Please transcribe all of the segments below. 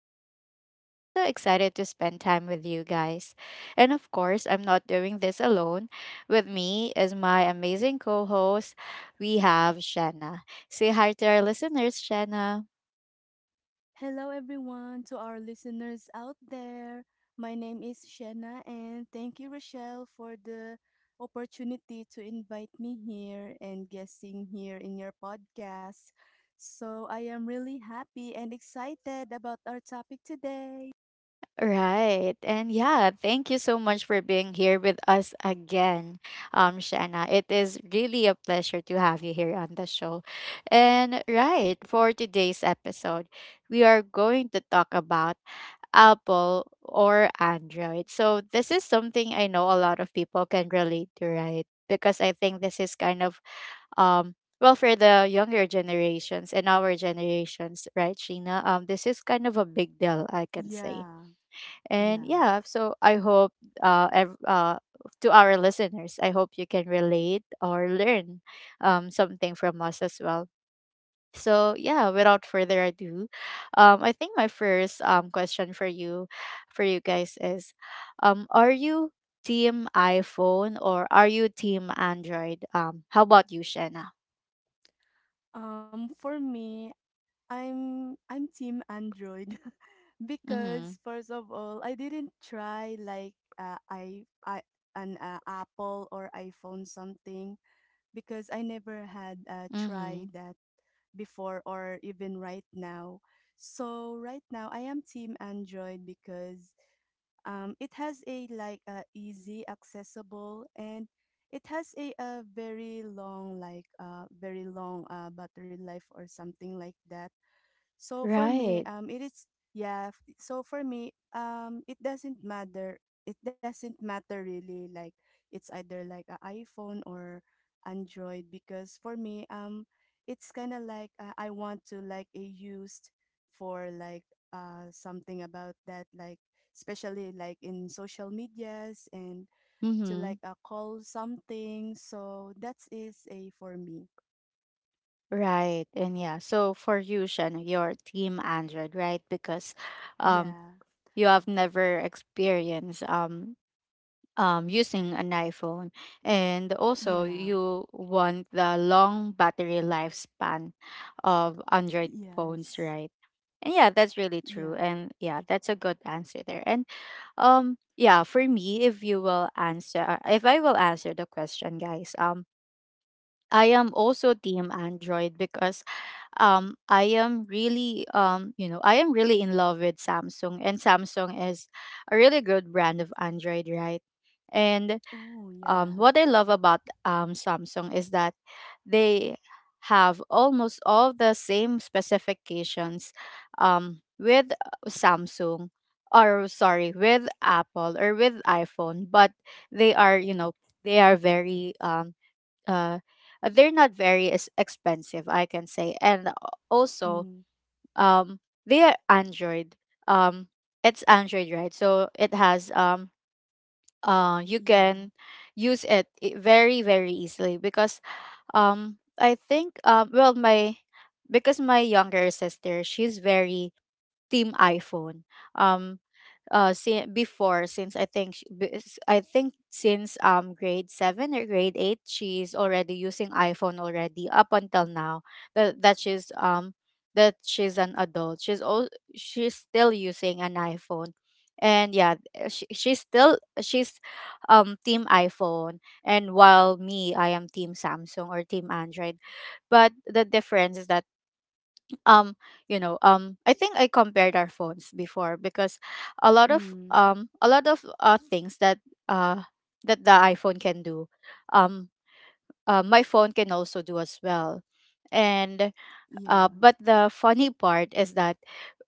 Rochelle, and I'm so excited to spend time with you guys. And of course, I'm not doing this alone. With me is my amazing co host, we have Shanna. Say hi to our listeners, Shanna. Hello, everyone, to our listeners out there. My name is Shanna, and thank you, Rochelle, for the opportunity to invite me here and guesting here in your podcast. So, I am really happy and excited about our topic today. Right. And yeah, thank you so much for being here with us again, Shanna. It is really a pleasure to have you here on the show. And right, for today's episode, we are going to talk about Apple or Android. So this is something I know a lot of people can relate to, right? Because I think this is kind of um well, for the younger generations and our generations, right, Sheena? This is kind of a big deal, I can say. Yeah, And yeah. yeah, so I hope uh, ev- uh, to our listeners, I hope you can relate or learn something from us as well. So yeah, without further ado, I think my first question for you guys is, are you team iPhone or are you team Android? How about you, Shanna? For me, I'm team Android Mm-hmm. because first of all, I didn't try like I an Apple or iPhone something because I never had Mm-hmm. tried that before or even right now. So right now I am team Android because it has a like easy accessible and it has a, very long very long battery life or something like that, so for me, Right. It is yeah. So for me, it doesn't matter. It doesn't matter really. Like it's either like a iPhone or Android because for me, it's kind of like I want to like a used for like something about that like especially like in social medias and to Mm-hmm. like call something. So that is a for me. Right. And yeah, so for you, Shen, your team Android, right? Because um Yeah. you have never experienced using an iPhone, and also Yeah. you want the long battery lifespan of Android Yes. phones, right? And yeah, that's really Yeah. true. And yeah, that's a good answer there. And yeah, for me, if you will answer if I will answer the question, guys, I am also team Android because I am really you know, I am really in love with Samsung, and Samsung is a really good brand of Android, right? And Oh, yeah. what I love about Samsung is that they have almost all the same specifications with samsung or sorry with Apple or with iPhone. But they are, you know, they are very uh they're not very expensive, I can say. And also Mm, um they are Android. um it's Android, right? So it has you yeah. can use it, very, very easily. Because I think, well, my because my younger sister, she's very team iPhone. Um, si- before since I think she, I think since grade seven or grade eight, she's already using iPhone already up until now. That she's that she's an adult. She's still using an iPhone. And yeah, she's team iPhone. And while me, I am team Samsung or team Android. But the difference is that um you know, I think I compared our phones before. Because Mm, a lot of things that uh that the iPhone can do, um my phone can also do as well. And yeah. But the funny part is that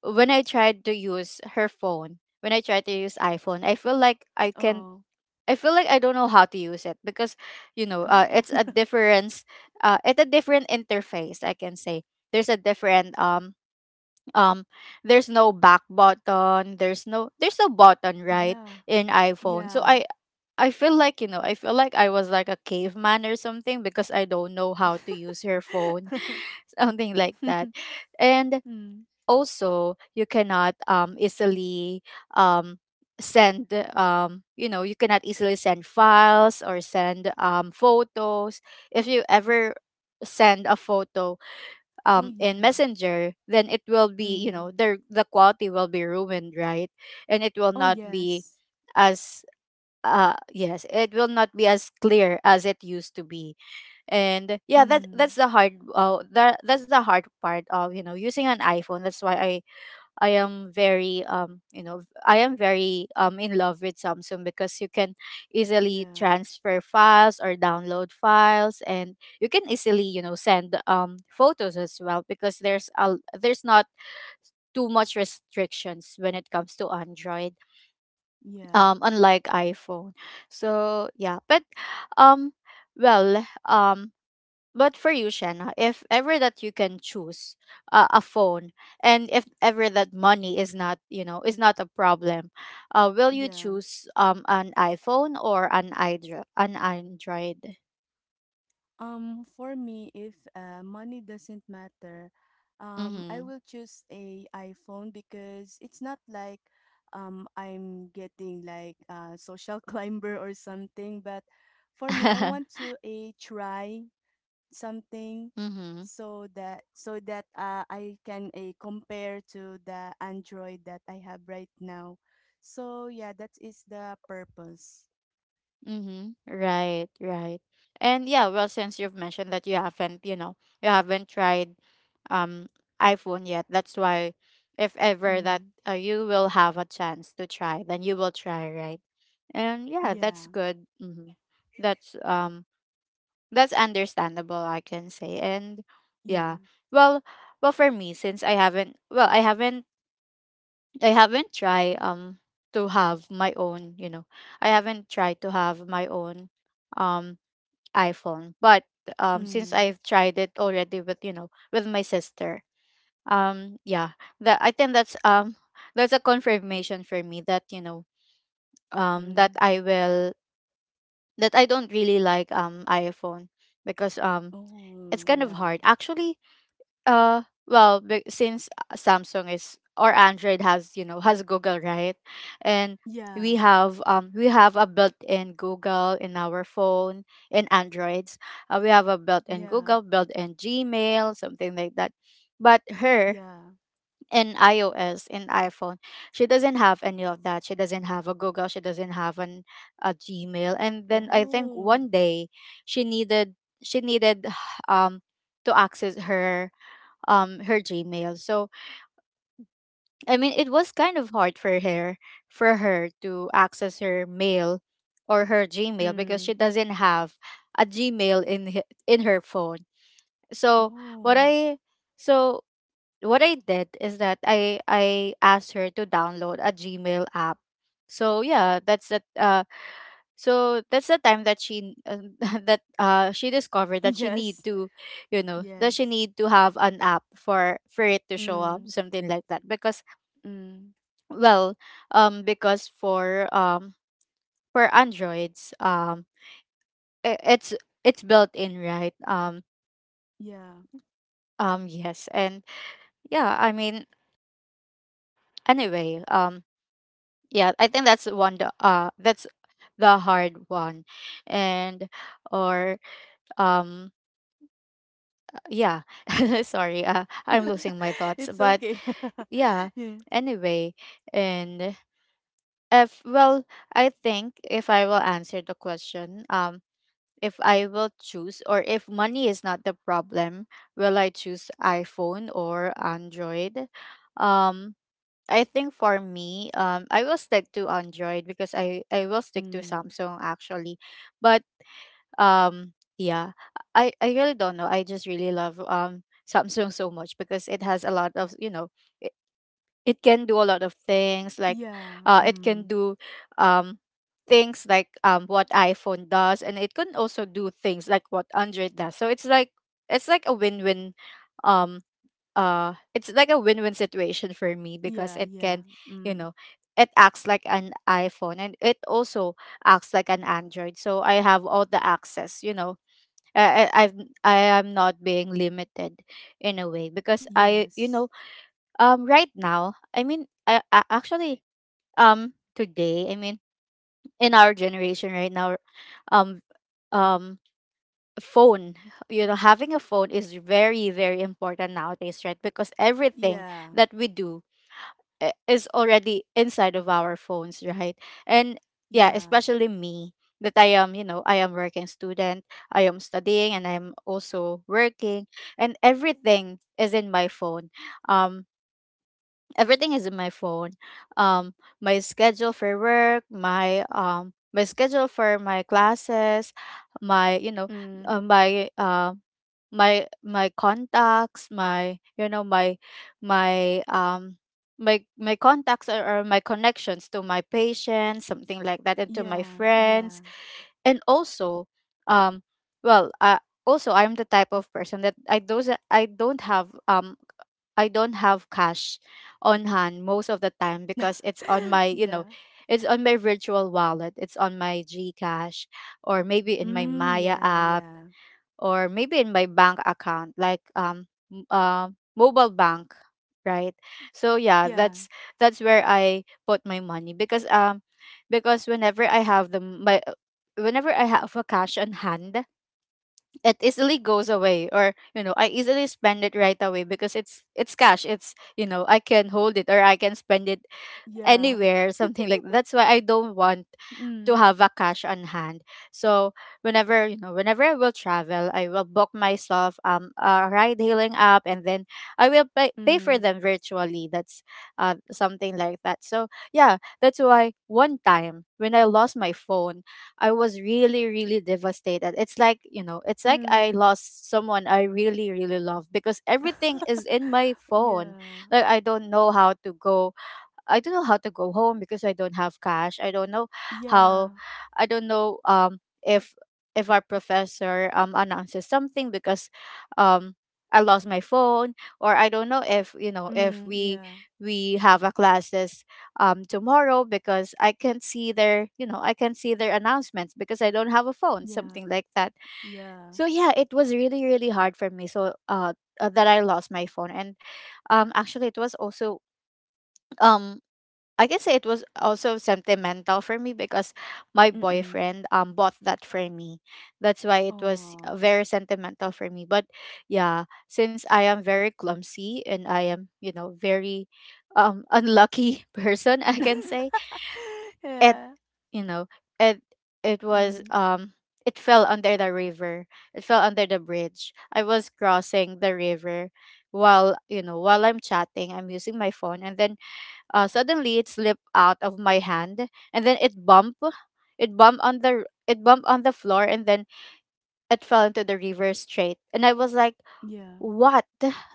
when I tried to use iPhone, I feel like I can, Oh. I feel like I don't know how to use it. Because you know, Oh. it's a difference, it's a different interface, I can say. There's a different um there's no back button, there's no button, right? Yeah. In iPhone. So Yeah. I feel like, you know, I feel like I was like a caveman or something because I don't know how to use her phone. Something like that. And Mm. also you cannot easily um send, you know, you cannot easily send files or send photos. If you ever send a photo Oh, in yeah. messenger, then it will be, you Mm. know, the quality will be ruined, right? And it will Oh, not be yes. as, yes, it will not be as clear as it used to be. And yeah, Mm. That that's the hard part of, you know, using an iPhone. That's why I am very you know, I am very in love with Samsung. Because you can easily Yeah. transfer files or download files, and you can easily, you know, send photos as well. Because there's a, there's not too much restrictions when it comes to Android, Yeah. Unlike iPhone. So yeah, but um well, but for you, Shanna, if ever that you can choose a phone, and if ever that money is not, you know, is not a problem, will you Yeah. choose an iPhone or an Android? An Android. For me, if money doesn't matter, I Mm-hmm. will choose a iPhone because it's not like I'm getting like a social climber or something. But for me, I want to a try something, mm-hmm. so that so that I can a compare to the Android that I have right now. So yeah, that is the purpose. Mm-hmm. Right, right. And yeah, well, since you've mentioned that you haven't, you know, you haven't tried um iPhone yet, that's why, if ever that Mm, you will have a chance to try, then you will try, right? And yeah, that's yeah, good. Mm-hmm. That's um that's understandable, I can say. And yeah, yeah. well, well for me, since I haven't, well, I haven't tried to have my own, you know, I haven't tried to have my own um iPhone. But since Mm, I've tried it already with, you know, with my sister, yeah, that I think that's a confirmation for me that, you know, mm. That Mm. I will, that I don't really like iPhone. Because it's Oh, kind of yeah. hard. Actually, uh, well, since Samsung is, or Android has, you know, has Google, right? And Yeah. We have a built-in Google in our phone, in Androids. We have a built-in Yeah. Google, built-in Gmail, something like that. But her, Yeah. in iOS, in iPhone, she doesn't have any of that. She doesn't have a Google. She doesn't have an, a Gmail. And then I think Oh. one day she needed, she needed um to access her her Gmail. So I mean, it was kind of hard for her, for her to access her mail or her Gmail, because she Mm. doesn't have a Gmail in in her phone. So what Oh. I, so what I did is that I asked her to download a Gmail app. So yeah, that's that. So that's the time that she, that she discovered that she need Yes. to, you know, that she Yes. need to have an app for it to show up, Mm. something like that. Because Mm. well, because for Androids, i- it's it's built in, right? Yeah. Yes, and yeah, I mean, anyway, yeah, I think that's one. That's the hard one, and, or um yeah, sorry, I'm losing my thoughts, It's but okay. yeah, Yeah. anyway. And if, well, I think if I will answer the question, if I will choose, or if money is not the problem, will I choose iPhone or Android? um I think for me, I will stick to Android, because I will stick to Mm. Samsung, actually. But um yeah, I really don't know. I just really love Samsung so much. Because it has a lot of, you know, it, it can do a lot of things like, Yeah. It can Mm. do um things like what iPhone does, and it can also do things like what Android does. So it's like, it's like a win-win, um it's like a win-win situation for me, because Yeah. it can, Yeah. you Mm. know, it acts like an iPhone, and it also acts like an Android. So I have all the access. You know, I've, I am not being limited in a way, because I, you Yes. know, right now, I mean, I actually, today, I mean, in our generation right now, um um phone, you know, having a phone is very, very important nowadays, right? Because everything Yeah. that we do is already inside of our phones, right? And yeah, Yeah. especially me, that I am, you know, I am working student, I am studying, and I'm also working, and everything is in my phone. Um Everything is in my phone, um my schedule for work, my my schedule for my classes, my, you know, Mm. My my, my contacts, my, you know, my my, my contacts or my connections to my patients, something like that, and to my Yeah. Yeah. friends. And also um well, also I'm the type of person that I don't, I don't have I don't have cash on hand most of the time, because it's on my, you know, Yeah. it's on my virtual wallet. It's on my GCash or maybe in my Mm. Maya Yeah. app, Yeah. or maybe in my bank account, like m- uh, mobile bank, right? So yeah, Yeah. that's where I put my money. Because because whenever I have the my, whenever I have a cash on hand, it easily goes away, or you know, I easily spend it right away because it's cash. It's, you know, I can hold it, or I can spend it Yeah. anywhere, something like that. That's why I don't want Mm. to have a cash on hand. So whenever I will travel, I will book myself a ride hailing app, and then I will pay for Mm. them virtually. That's something like that. So yeah, that's why one time when I lost my phone, I was really really devastated. It's it's like I Mm. lost someone I really really love because everything is in my Yeah, phone. Like I don't know how to go I don't know how to go home because I don't have cash. I don't know yeah. how, I don't know if our professor announces something because um I lost my phone, or I don't know if you know if Mm, we yeah, have a classes tomorrow because I can't see their you know I can't see their announcements because I don't have a phone, yeah, something like that. yeah. So yeah, it was really really hard for me, so that I lost my phone. And actually it was also, um I can say it was also sentimental for me because my Mm-mm. boyfriend bought that for me. That's why it was Oh. very sentimental for me. But yeah, since I am very clumsy and I am, you know, very unlucky person, I can say it Yeah. you know it it was Mm, it fell under the river, it fell under the bridge. I was crossing the river while, while I'm chatting, I'm using my phone, and then suddenly it slipped out of my hand, and then it bumped. It bumped on the it bumped on the floor, and then it fell into the river straight. And I was like, yeah. "What?"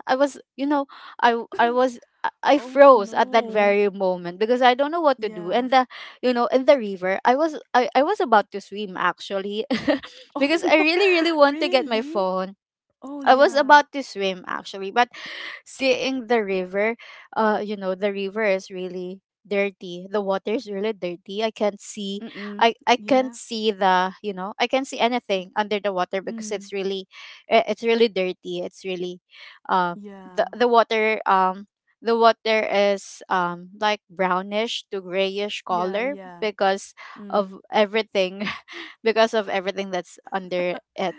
I was, you know, I was I Oh, froze at that no. very moment because I don't know what to do. Yeah. And the you know in the river, I was about to swim actually, Oh, because I no. really really want to get my Really? phone. Oh, I was yeah. about to swim actually, but seeing the river, the river is really dirty, the water is really dirty, I can't see, Mm-mm. I can't Yeah. see, the you know I can't see anything under the water because it's Mm. really, it's really dirty, it's really uh Yeah. the water, the water is like brownish to grayish Yeah, color yeah. because of Mm. everything. Because of everything that's under,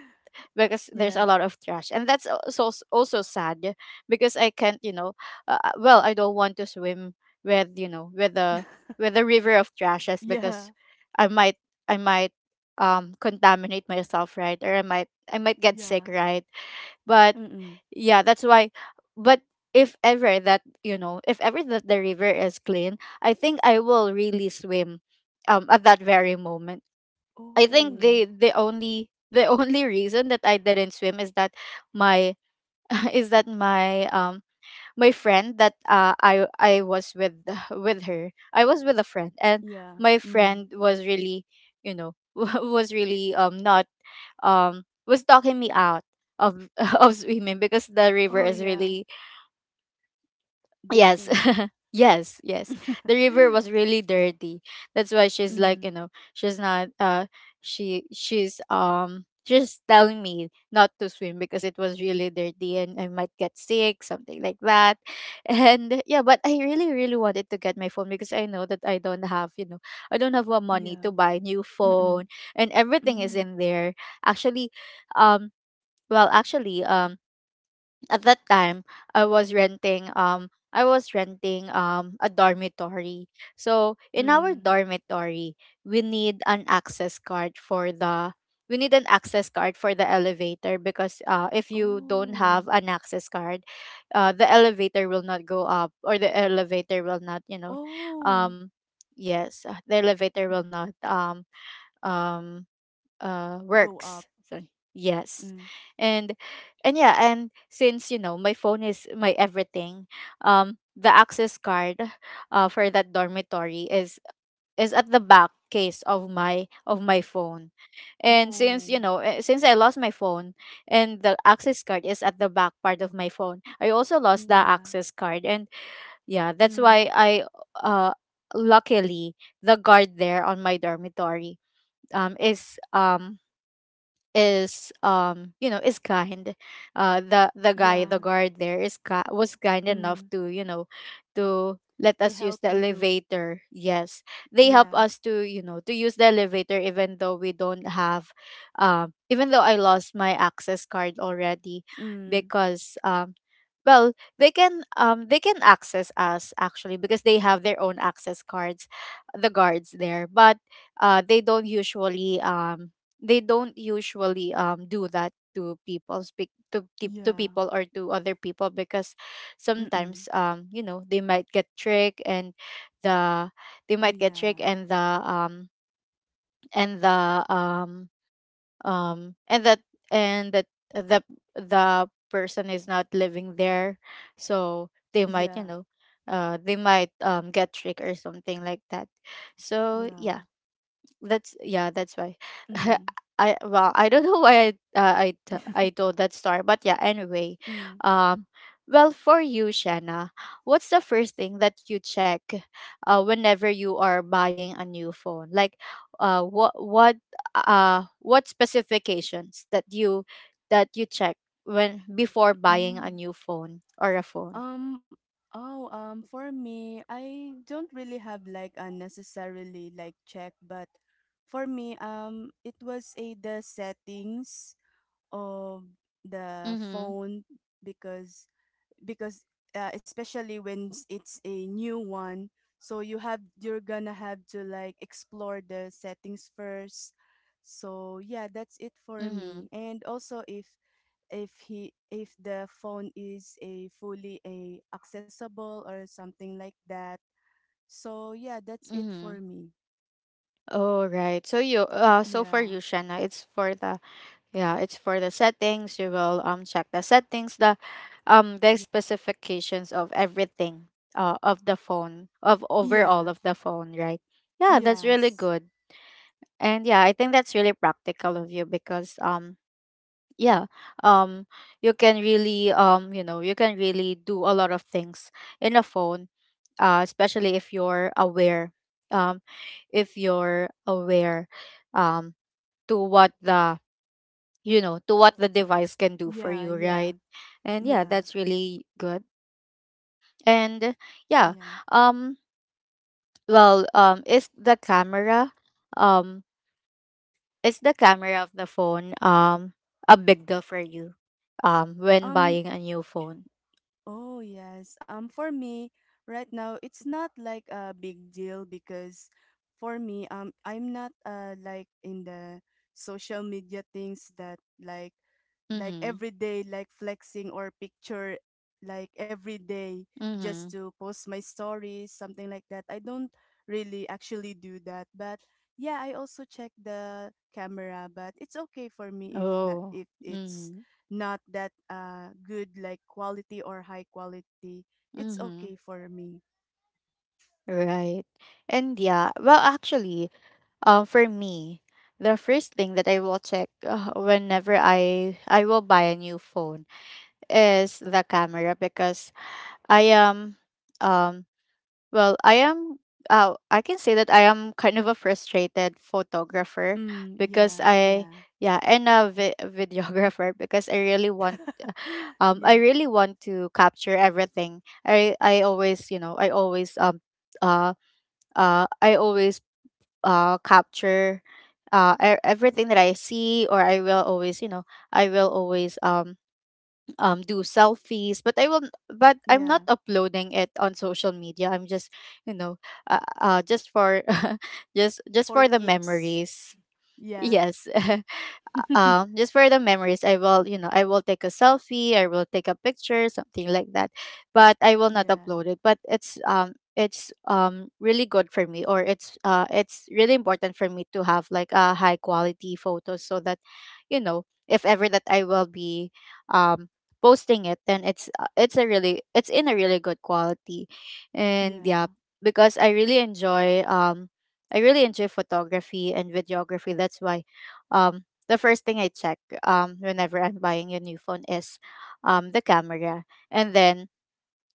because there's a Yeah. lot of trash. And that's also, also sad because I can't you know well I don't want to swim with you know with the river of trashes because Yeah. I might, i might contaminate myself, right? Or I might get sick, Yeah. right? But Mm-mm. yeah, that's why. But if ever that you know if ever that the river is clean, I think I will really swim at that very moment. I think Oh. the only, the only reason that I didn't swim is that my is that my my friend that, I was with, with her, I was with a friend. And Yeah. my Mm. friend was really, was really not was talking me out of of swimming because the river Oh is yeah, really, yes. dirty. Yes. The river was really dirty. That's why she's Mm, she's not, she's just telling me not to swim because it was really dirty and I might get sick, something like that. And yeah, but I really, really wanted to get my phone because I know that I don't have, you know, I don't have money yeah. to buy new Mm-mm. phone, and everything is Mm. in there. Actually, um actually, at that time I was renting, a dormitory. So in our Mm. dormitory, we need an access card for the we need an access card for the elevator because, if you don't Oh. have an access card, the elevator will not go up, or the elevator will not, you know, Oh. um, yes, the elevator will not um, Go works. up. So yes. Mm. and and yeah and since you know my phone is my everything, the access card for that dormitory is at the back case of my phone. And since Oh. you know eh, since I lost my phone and the access card is at the back part of my phone, I also lost the Yeah. access card. And yeah, that's Mm. why I, uh luckily the guard there on my dormitory um is um is, is kind, the guy, the Yeah. guard there is, was kind enough Mm. to, you know, to let To us use help the you. elevator. Yes, they help Yeah. us to, you know, to use the elevator even though we don't have, even though I lost my access card already. Mm. Because well they can, they can access us actually because they have their own access cards, the guards there. But uh they don't usually um they don't usually do that to people, to Yeah. people or to other people, because Mm-mm. sometimes, they might get tricked. And the they Oh might get tricked, yeah. and the and the um um and that and that the the person is not living there, so they might, you Yeah. know, they might get tricked or something like that. So Yeah. yeah, that's yeah, that's why. Mm. I well, I don't know why I, I told that story, but yeah. Anyway, Mm. um, for you, Shanna, what's the first thing that you check, whenever you are buying a new phone? Like, uh, what what what specifications that you, that you check when before buying a Mm-mm. new phone or a phone? Um, oh, for me, I don't really have like a necessarily like check, but for me, it was a the settings of the Mm-hmm. phone because because especially when it's a new one, so you have you're gonna have to like explore the settings first. So yeah, that's it for Mm-hmm. me. And also if he if the phone is a fully a accessible or something like that, so yeah, that's it Mm-hmm. for me. All right. So you so for Yeah. you, Shanna, it's for the, yeah, it's for the settings. You will check the settings, the Yeah. specifications of everything of the phone, of overall Yeah. of the phone, right? Yeah, that's really Yes. good. And yeah, I think that's really practical of you because yeah, um you can really, you can really do a lot of things in a phone, especially if you're aware, um if you're aware um to what the to what the device can do for Yeah. you, right? Yeah. And yeah, Yeah. that's really good. And yeah, Yeah. um is the camera, um is the camera of the phone a big deal for you when buying um a new phone? Oh, yes. For me, right now, it's not like a big deal because for me, I'm not like in the social media things that like Mm-hmm. every day like flexing or picture like every day just Mm-hmm. to post my stories something like that. I don't really actually do that, but yeah, I also check the camera, but it's okay for me if not, Oh. if it's Mm-hmm. not that good like quality or high quality, it's okay Mm-hmm. for me. Right. And yeah, well actually, for me, the first thing that I will check, whenever I will buy a new phone is the camera. Because I am, um I am, I can say that I am kind of a frustrated photographer, Mm, because yeah, I yeah. yeah and a videographer because I really want, I Yeah, really want to capture everything. I always, I always, uh I always capture, everything that I see. Or I will always, I will always do selfies, but but I'm yeah. not uploading it on social media. I'm just, you know just for just For for the keeps. memories. Yeah. Yes. Just for the memories, I will, you know, I will take a selfie, I will take a picture, something like that, but I will not Yeah. upload it. But it's, it's really good for me, or it's really important for me to have like a high quality photo. So that, you know, if ever that I will be um posting it, then it's a really, it's in a really good quality. And Yeah. yeah, because I really enjoy, I really enjoy photography and videography. That's why, um the first thing I check, whenever I'm buying a new phone, is the camera, and then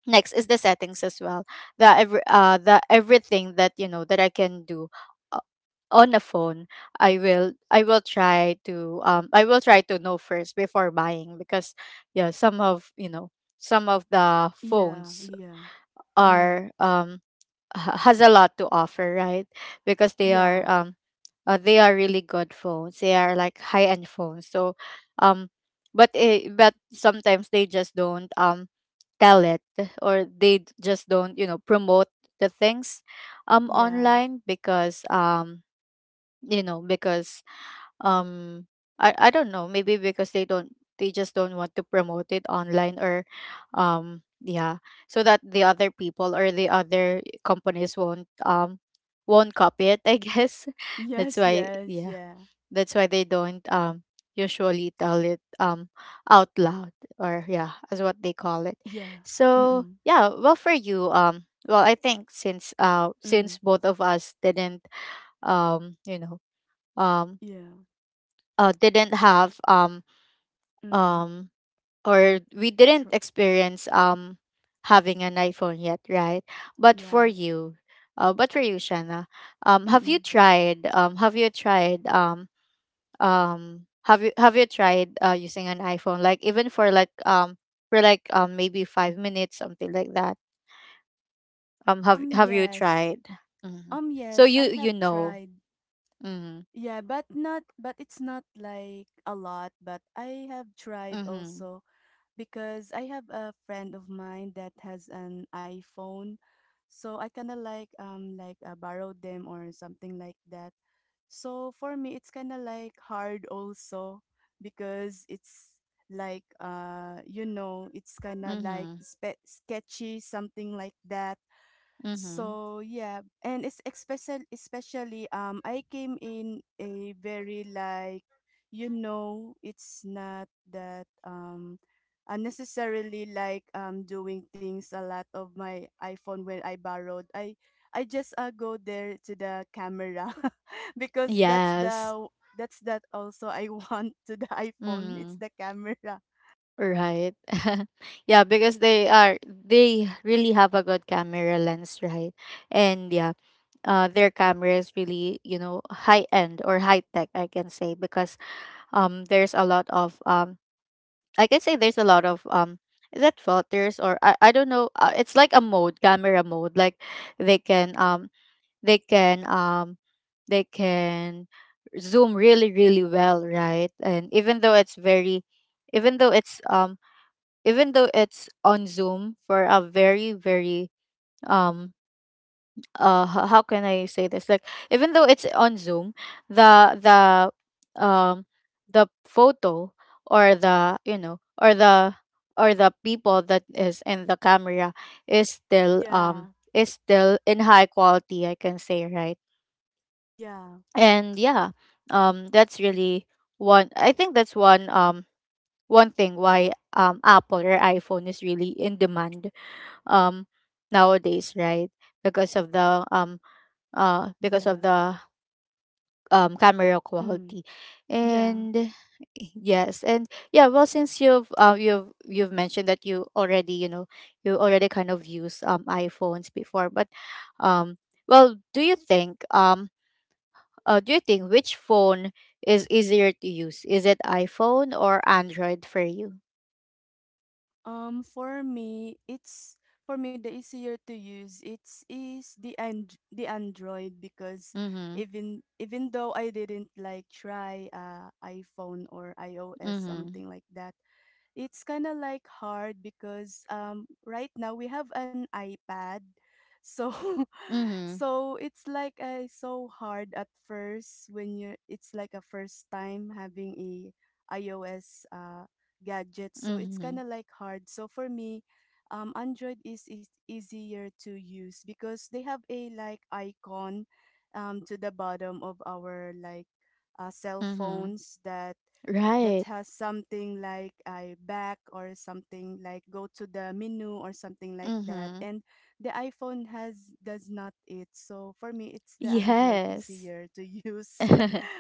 next is the settings as well. The everything that, you know, that I can do, uh, on a phone, I will try to, I will try to know first before buying. Because yeah, some of, you know, some of the Yeah, phones yeah. Mm. are, has a lot to offer, right? Because they are, Yeah. They are really good phones, they are like high end phones. So um but sometimes they just don't, tell it, or just don't, you know, promote the things Yeah. online. Because you know because um I don't know, maybe because they don't, they just don't want to promote it online. Or yeah, so that the other people or the other companies won't, won't copy it, I guess. That's Yes, why, yes, yeah, yeah. that's why they don't usually tell it out loud or yeah, as what they call it. Yeah. So Mm-mm. yeah, well for you, well, I think Mm. since both of us didn't, um, you know, um Yeah. Didn't have, Mm. um or we didn't True. experience, having an iPhone yet, right? But Yeah. for you, but for you, Shanna, um have you Mm-mm. tried um have you tried um have you tried using an iPhone, like, even for, for, maybe 5 minutes, something like that. Have have you Yes. tried? Hmm. So Yes, you I have you know. tried. Mm-hmm. Yeah, but not, but it's not like a lot, but I have tried Mm-hmm. also because I have a friend of mine that has an iPhone. So I kind of like borrowed them or something like that. So for me it's kind of like hard also because it's like you know, it's kind of like Mm-hmm. spe sketchy something like that, Mm-hmm. so yeah, and it's especially especially I came in a very like you know it's not that unnecessarily like doing things a lot of my iPhone when I borrowed. I just go there to the camera because that's Yes. the that's that also I want to the iPhone. It's Mm-hmm. the camera. Right. Yeah, because they really have a good camera lens, right? And yeah, their camera is really, you know, high end or high tech, I can say, because, there's a lot of, I can say there's a lot of, is that filters, or I don't know, it's like a mode, camera mode, like, they can, they can um they can zoom really really well, right? And even though it's very, even though it's um even though it's on zoom for a very, very, um how can I say this? Like, even though it's on Zoom, the the um the photo, or the, or the, people that is in the camera is Yeah. Still in high quality, I can say, right? Yeah. And yeah, that's really one, I think that's one, one thing why, Apple or iPhone is really in demand, um nowadays, right? Because of the, because of Yeah. the, camera Mm. quality, Yeah. and yes, and yeah, well since you've, you've mentioned that you already, you know, you already kind of use, iPhones before, but, um well, do you think, which phone is easier to use? Is it iPhone or Android for you? For me, it's for me the easier to use. It's is the and the Android because Mhm. even even though I didn't like try iPhone or iOS Mhm. something like that, it's kind of like hard because right now we have an iPad, so Mhm. so it's like so hard at first when you're it's like a first time having a iOS gadget. So it's kind Mhm. of like hard. So for me, Android is easier to use because they have a like icon to the bottom of our like cell Mhm. phones that that Right. has something like a back or something like go to the menu or something like that, Mhm. and the iPhone has does not it. So for me, it's the Android Yes. easier to use.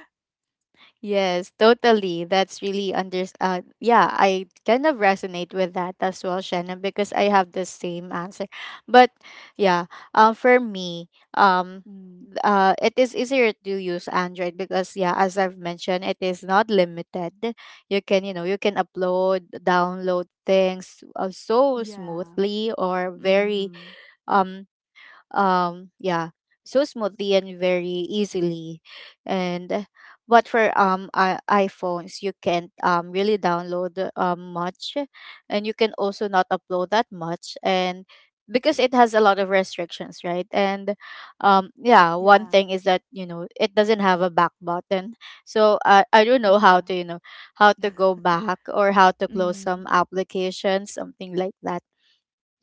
Yes, totally. That's really, under yeah, I kind of resonate with that as well, Shannon, because I have the same answer. But yeah, for me, um Mm. It is easier to use Android because, yeah, as I've mentioned, it is not limited. You can, you know, you can upload, download things, so Yeah. smoothly or very, Mm. um yeah, so smoothly and very easily. And, but for, iPhones you can't, really download, much, and you can also not upload that much, and because it has a lot of restrictions, right? And, yeah, one Yeah. thing is that, you know, it doesn't have a back button. So I don't know how Yeah. to, you know, how to go back or how to close Mm. some applications, something like that.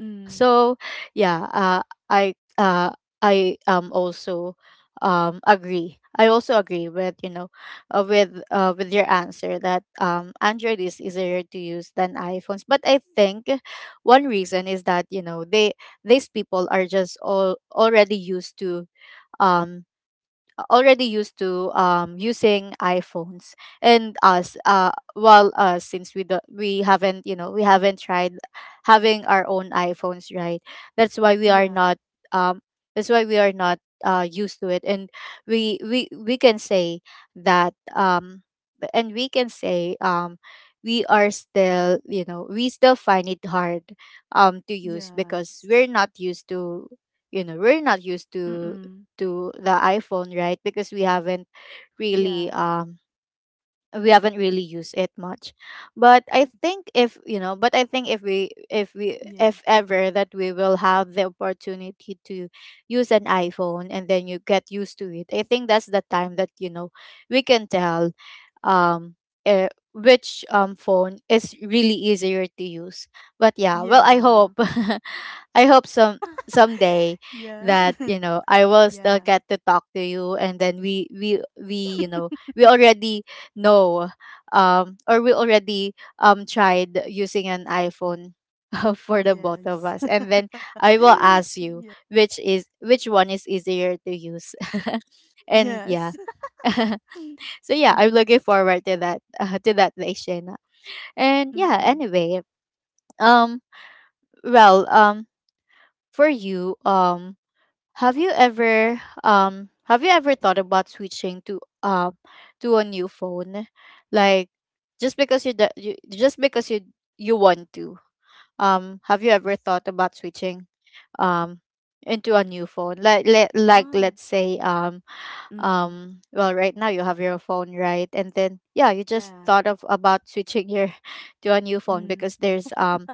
Mm. So yeah, I uh, I also, agree. I also agree with, you know, with your answer that, Android is easier to use than iPhones. But I think one reason is that, you know, they these people are just all already used to, um already used to, using iPhones, and us, well, us, since we do, we haven't, you know, we haven't tried having our own iPhones, right? That's why we are Yeah. not. Um, that's why we are not, used to it, and we can say that, and we can say, we are still, you know, we still find it hard, to use because Yes. we're not used to, you know, we're not used to Mm-mm. The iPhone, right? Because we haven't Yeah. really, used it much. But I think if, you know, but I think if we, Yeah. if ever that we will have the opportunity to use an iPhone and then you get used to it, I think that's the time that, you know, we can tell, um which, phone is really easier to use. But yeah, well, I Yeah. hope, I hope, someday, Yeah. that, you know, I will Yeah. still get to talk to you, and then, we you know, we already know, or we already, tried using an iPhone for the both of Yes. us, and then I will ask Yeah. you which is, which one is easier to use, and Yes. yeah. So yeah, Mm. I'm looking forward to that, to that day, Shayna. And yeah, Mm-mm. anyway, um, well, for you, have you ever, thought about switching to, to a new phone? Like, just because you, just because you want to. Have you ever thought about switching, um into a new phone? Like, let like, Oh. let's say, Mm. Well, right now you have your phone, right? And then, yeah, you just Yeah. thought of about switching your to a new phone, Mm. because there's,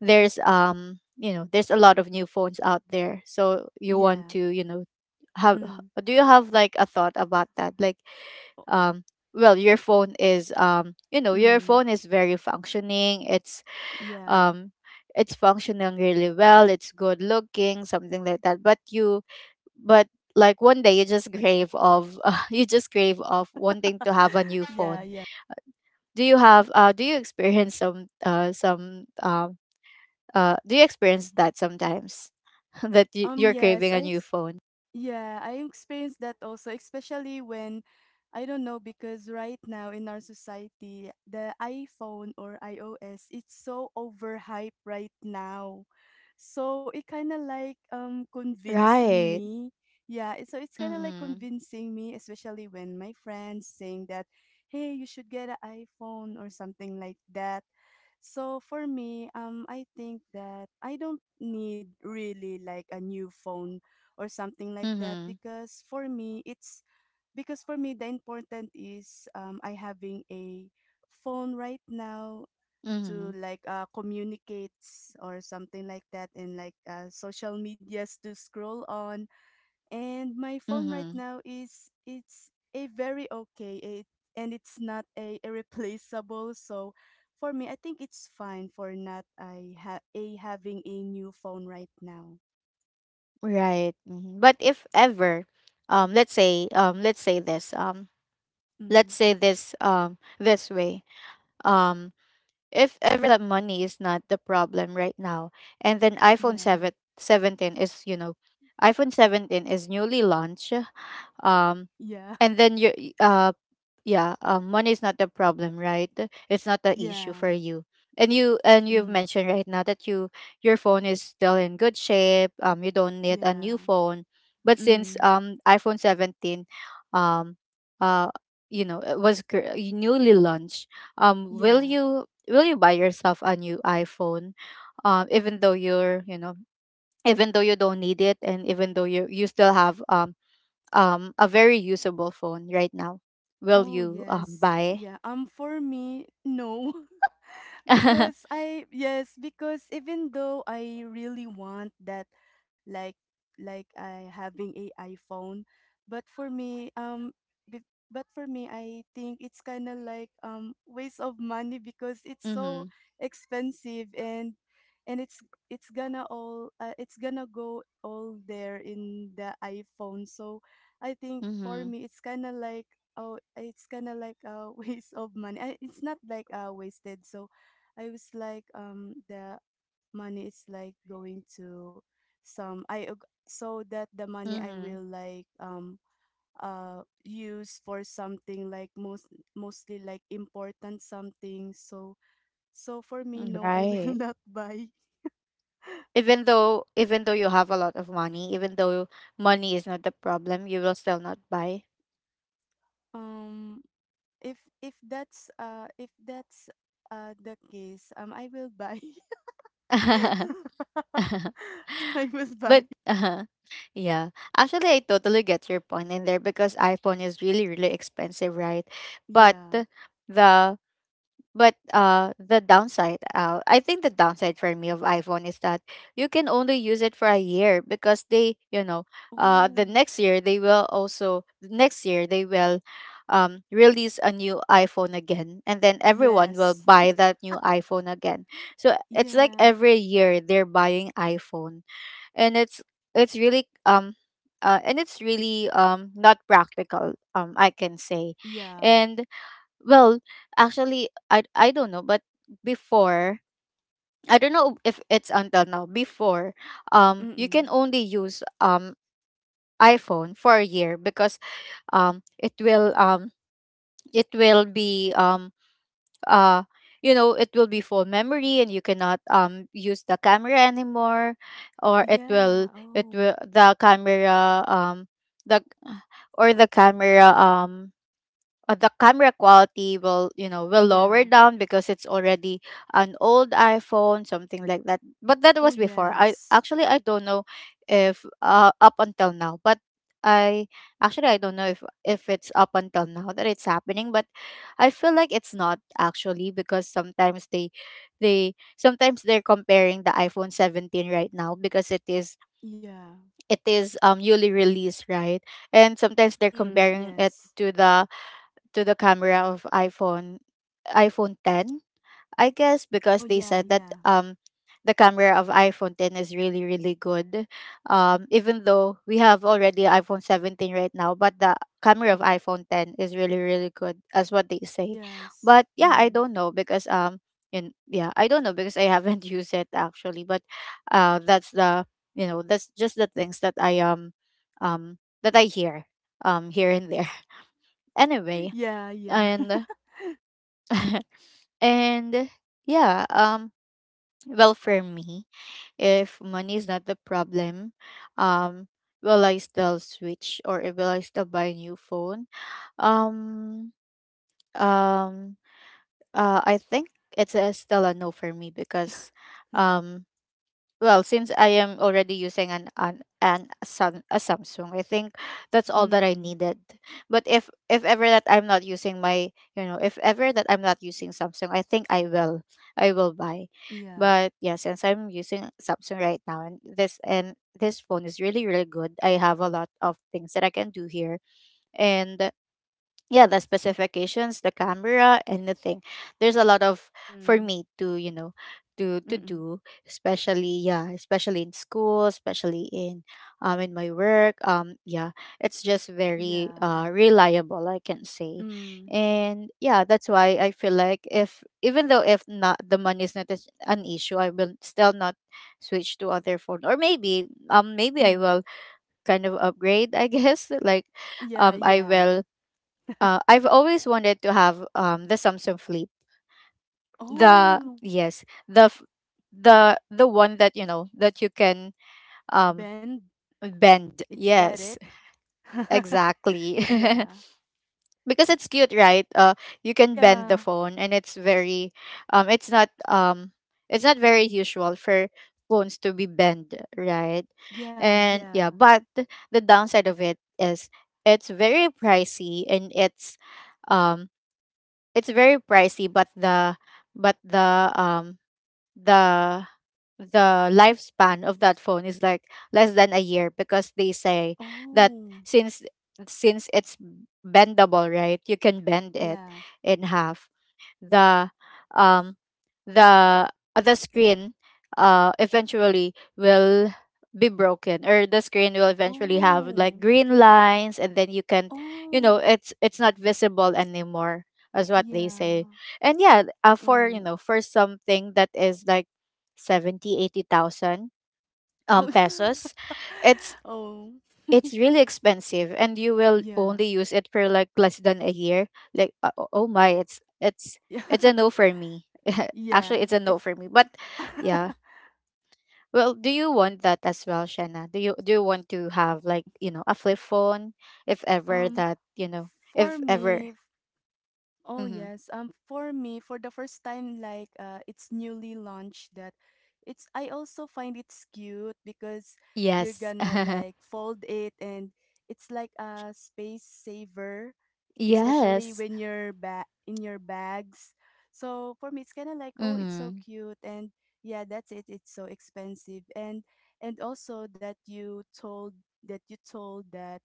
there's, you know, there's a lot of new phones out there, so you want Yeah. to, you know, have, Mm. do you have, like, a thought about that, like, O um well, your phone is, you know, your mm. phone is very functioning, it's, Yeah. um it's functioning really well, it's good looking, something like that, but you, but, like, one day you just crave of you just crave of wanting to have a new Yeah, phone. yeah. Do you experience some, some, do you experience that sometimes that you, you're Yes, craving a I new ex phone, yeah, I experienced that also, especially when I don't know, because right now in our society, the iPhone or iOS, it's so overhyped right now. So it kind of like convincing right? me. Yeah, so it's kind of like Mm-hmm. convincing me, especially when my friends saying that, "Hey, you should get an iPhone or something like that." So for me, I think that I don't need really like a new phone or something like that, Mm-hmm. because for me it's because for me the important is I having a phone right now Mm-hmm. to like communicates or something like that, and like social medias to scroll on, and my phone right Mm-hmm. now is it's a very okay it, and it's not a irreplaceable, so for me I think it's fine for not a having a new phone right now. Right. Hmm. But if ever, let's say, let's Mm, say this, this way, um, if ever that money is not the problem right now, and then iPhone yeah. 7 17 is, you know, iPhone 17 is newly launched, um, Yeah. and then you, um, yeah, money is not the problem, right? It's not the issue Yeah. for you. And you've Mm, mentioned right now that, your phone is still in good shape, you don't need a yeah. new phone, but since, Mm, iPhone 17, um uh you know, it was, newly launched, yeah. Will you buy yourself a new iPhone, even though you're, you know, even though you don't need it, and even though you, still have, a very usable phone right now? Will Oh you, yes, buy? yeah. For me, no, because I yes, because even though I really want that like like I having a iPhone, but for me but for me I think it's kind of like waste of money because it's so Mhm. expensive, and it's gonna all it's gonna go all there in the iPhone. So I think for Mhm. me it's kind of like oh it's kind of like a waste of money. I, it's not like wasted. So I was like, the money is like going to some so that the money I Mhm. will like use for something like most mostly like important something. So so for me, no, I will Right. not buy. Even though you have a lot of money, even though money is not the problem, you will still not buy? Um, if if that's the case, I will buy. I will buy. But, yeah, actually, I totally get your point in there because iPhone is really really expensive, right? But Yeah. the, But the downside, I think the downside for me of iPhone is that you can only use it for a year because they, you know, the Oh, next year they will also, next year they will, release a new iPhone again, and then everyone will yes. buy that new iPhone again. So it's like Yeah. every year they're buying iPhone, and it's really, and it's really, not practical, I can say, Yeah. and, well, actually, I don't know, but before, I don't know if it's until now. Before, you Mm-mm. can only use, iPhone for a year, because, um it will um it will be, uh you know, it will be full memory, and you cannot, use the camera anymore, or it Yeah. will, it Oh, will the camera the or the camera, the camera quality will, will lower yeah. down because it's already an old iPhone, something like that. But that Oh, was before. I yes. actually, I don't know if, up until now, but I actually, I don't know if it's up until now that it's happening, but I feel like it's not, actually, because sometimes, they sometimes they're comparing the iPhone 17 right now because it is Yeah. it is newly released, right? And sometimes they're Mm, comparing it yes. to the, camera of iPhone 10. I guess Oh, because they yeah, said that, yeah. The camera of iPhone 10 is really really good. Even though we have already iPhone 17 right now, but the camera of iPhone 10 is really really good as what they say. Yes. But yeah, I Mm. don't know because, and yeah, I don't know because I haven't used it actually, but, that's the, you know, that's just the things that I, um that I hear, here and there. Anyway, Yeah, yeah. and and yeah, well, for me, if money is not the problem, um will I still switch or will I still buy a new phone? Um um I think it's a, still a no for me, because, Hmm. um well, since I am already using a Samsung, I think that's all that I Mm, needed. But if ever that I'm not using my, if ever that I'm not using Samsung, I think I will buy. yeah. But yeah, since I'm using Samsung right now and this phone is really really good. I have a lot of things that I can do here, and yeah, the specifications, the camera, anything, there's a lot of for Mm, me to you know to mm-mm. do, especially, yeah, especially in school, especially in my work, yeah, it's just very Yeah. Reliable, I can say. Mm, And yeah, that's why I feel like, if even though, if not, the money is not an issue, I will still not switch to other phone, or maybe, maybe I mm. will kind of upgrade, I guess, like, Yeah, um i yeah. will I've always wanted to have the Samsung Flip. The Oh, yes, the f- the one that, you know, that you can um Ben, bend. it's that it? Yes, exactly. Yeah. Because it's cute, right? You can bend the Yeah. phone, and it's very um it's not um it's not very usual for phones to be bent, right? Yeah, And yeah, yeah. but the downside of it is it's very pricey and it's um. it's very pricey, but but the um the the lifespan of that phone is like less than a year, because they say that, Oh, since since it's bendable, right, you can bend it yeah. in half. the um the screen eventually will be broken, or the screen will eventually have like Oh, green lines, and then you can you oh. know it's not visible anymore, as what they say. Yeah. And yeah, for you Oh. know for something that is like 70 80,000 Oh. pesos, it's Oh. Really expensive, and you will Yeah. only use it for like less than a year. Like, oh my, it's it's Yeah. it's a no for me. Yeah. Actually, it's a no It's for me. But yeah, well, do you want that as well, Shanna? Do you want to have, like, you know, a flip phone, if ever um that, you know, for if ever. me oh Hmm. yes. For me, for the first time like it's newly launched, that it's I also find it's cute because you're Yes. gonna like fold it, and it's like a space saver especially Yes. when you're in your bags. So for me it's kind of like oh it's so Mm-hmm. cute, and yeah that's it, it's so expensive, and also that you told that you told that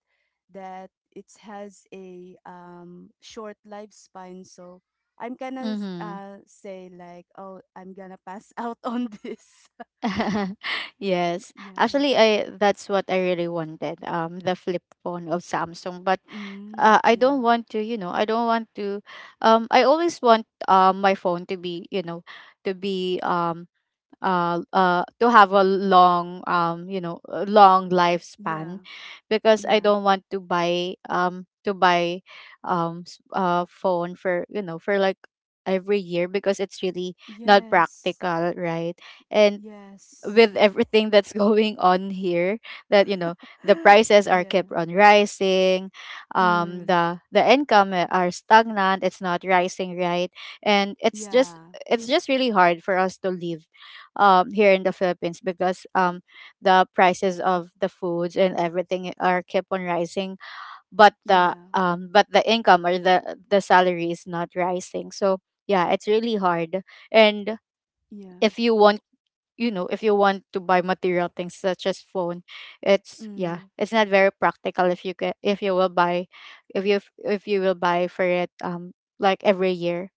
that it has a short lifespan. So I'm gonna Mm-hmm. Say like, oh, I'm gonna pass out on this. Yes, Yes. actually, I that's what I really wanted, the flip phone of Samsung. But Mm, I yeah. don't want to, you know, I don't want to, I always want, my phone to be, you know, to be, to have a long, a long Yeah. lifespan, because I Yeah. don't want to buy s- phone for, you know, for like every year, because it's really not Yes. practical, right? And Yes. with everything that's going on here, that, the prices are Yeah. kept on rising. Mm, The income, are stagnant, it's not rising, right? And it's just yeah. it's just really hard for us to live, here in the Philippines, because, the prices of the foods and everything are kept on rising, but Yeah. The income, or the salary is not rising, so yeah, it's really hard. And Yeah. if you want, you know, if you want to buy material things, such as phone, Mm, it's not very practical if you will buy, if you if you will buy for it, like every year.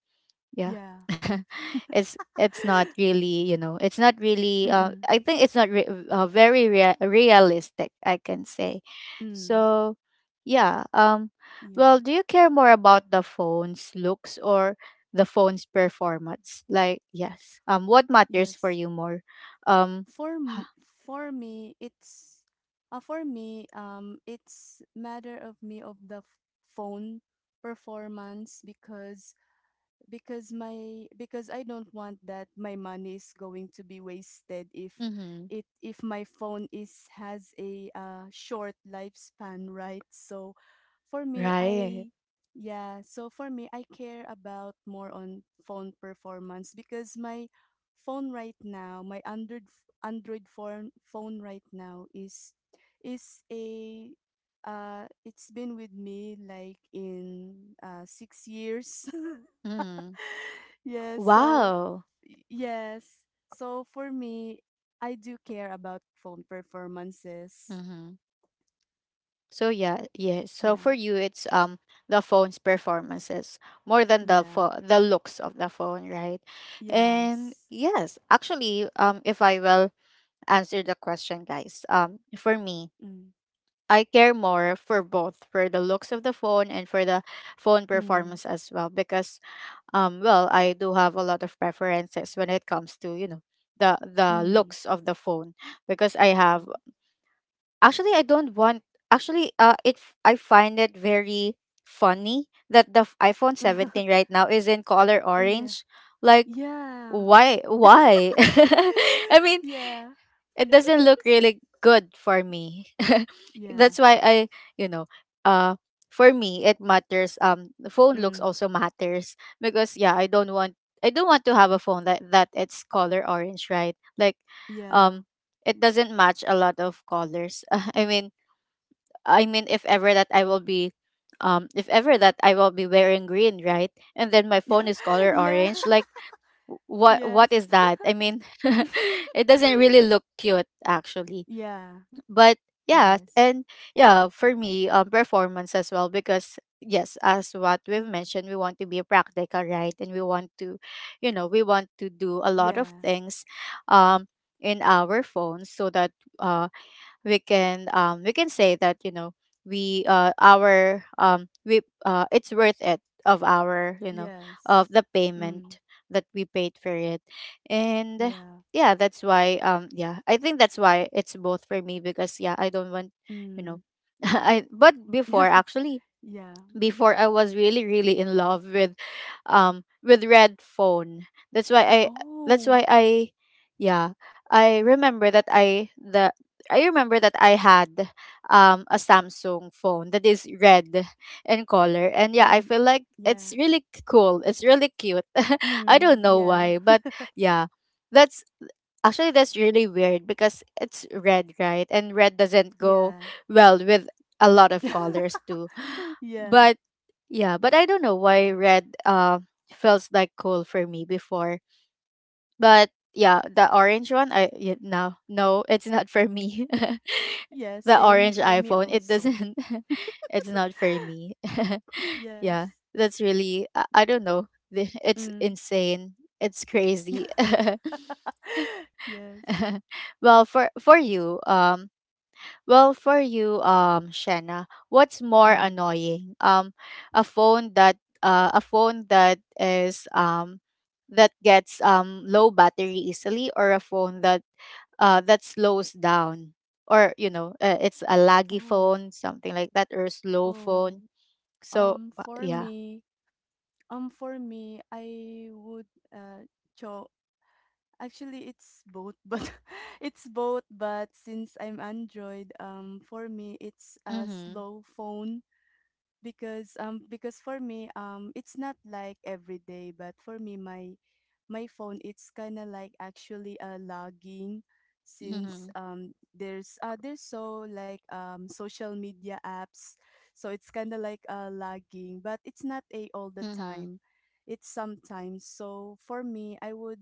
Yeah. yeah. It's not really, you know, it's not really, Mm-mm. I think it's not realistic, I can say. Mm. So yeah, Yeah. well, do you care more about the phone's looks or the phone's performance, like, yes, what matters for Yes. you more? Um. for m- for me it's for me it's matter of me of the phone performance because my because I don't want that my money is going to be wasted if Mm-hmm. it if my phone is has a short lifespan, right? So for me, Right. I yeah, so for me, I care about more on phone performance because my phone right now, my Android phone right now is a it's been with me like in 6 years Mm-hmm. yes so Wow. Yes so for me I do care about phone performances. Mm-hmm. So yeah, yes. So for Yeah. you, it's, the phone's performances more than the Yeah. The looks of the phone, right? And Yes. yes, actually, if I will answer the question, guys, for me, Mm. I care more for both, for the looks of the phone and for the phone Mm. performance as well, because, well, I do have a lot of preferences when it comes to, you know, the Mm, looks of the phone. Because I yeah. have actually I don't want actually it f- I find it very funny that the iPhone 17 right now is in color Oh yeah. orange. Like, Yeah. Why? I mean, Yeah. it doesn't look really good for me. Yeah. That's why I you know uh for me it matters, the phone looks Mm, also matters, because, yeah, I don't want to have a phone that it's color orange, right? Like, yeah. um it doesn't match a lot of colors. I mean, I mean, if ever that I will be, if ever that I will be wearing green, right? And then my phone is color Yeah. orange. Like, what Yes. is that? I mean, it doesn't really look cute, actually. Yeah. But yeah, Yes. For me, performance as well, because yes, as what we've mentioned, we want to be practical, right? And we want to, you know, we want to do a lot of Yeah. things, um, in our phones, so that uh we can say that, you know, we our we it's worth it, of our you know of Yes. the Mm, payment that we paid for it. And yeah. yeah, that's why, I think that's why it's both for me, because yeah, I don't want you Mm. know I but before, actually Yeah. before I was really really in love with, with red phone. that's why i that's Oh. why I yeah, I remember that I remember that I had, a Samsung phone that is red in color. And yeah, Oh, I y feel like it's yeah. really cool, it's really cute. I don't Mm, know yeah. why, but yeah, that's, actually that's really weird, because it's red, right, and red doesn't go Yeah. well with a lot of colors too. Yeah. But yeah, but I don't know why red feels like cool for me before. But yeah, the orange one, I yeah, no, no, it's not for me. Yeah, The same orange for me iPhone, it also. doesn't. It's not for me. Yeah, Yes. that's really, I don't know. It's Mm. insane. It's crazy. Yes. Well, well, for you, Shanna, what's more Mm. annoying? A phone that, a phone that is that gets, low battery easily, or a phone that, slows down, or, you know, it's a laggy Oh. phone, something like that, or a slow Oh. phone. So Um, for yeah. me, for me, I would uh cho actually it's both, but it's both, but since I'm Android, for me it's a Mm-hmm. slow phone because for me it's not like every day, but for me my phone it's kind of like actually lagging since Mm-hmm. There's so like social media apps, so it's kind of like lagging, but it's not a all the Mm-hmm. time, it's sometimes. So for me,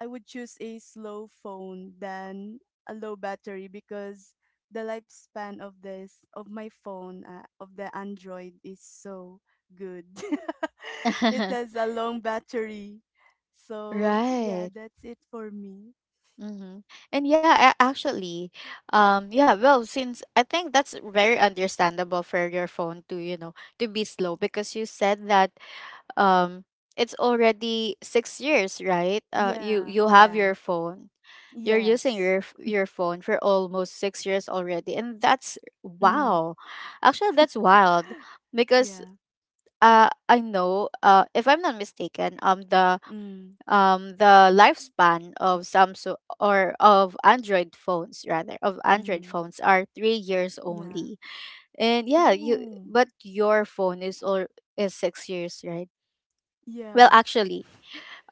I would choose a slow phone than a low battery because the lifespan of this of my phone, of the Android, is so good. It has a long battery. So, yeah, Right. that's it for me. Mm-hmm. And yeah, actually, yeah, well, since I think that's very understandable for your phone to, you know, to be slow, because you said that, um it's already 6 years, right? You Yeah, you have yeah. your phone. You're using Yes. your your phone for almost 6 years already, and that's Mm, wow. Actually, that's wild, because yeah. I know, if I'm not mistaken, Mm, the lifespan of Samsung, or of Android phones, rather, of Android mm, phones, are 3 years yeah. only. And yeah, you Oh, but your phone is all is 6 years, right? Well, yeah. actually,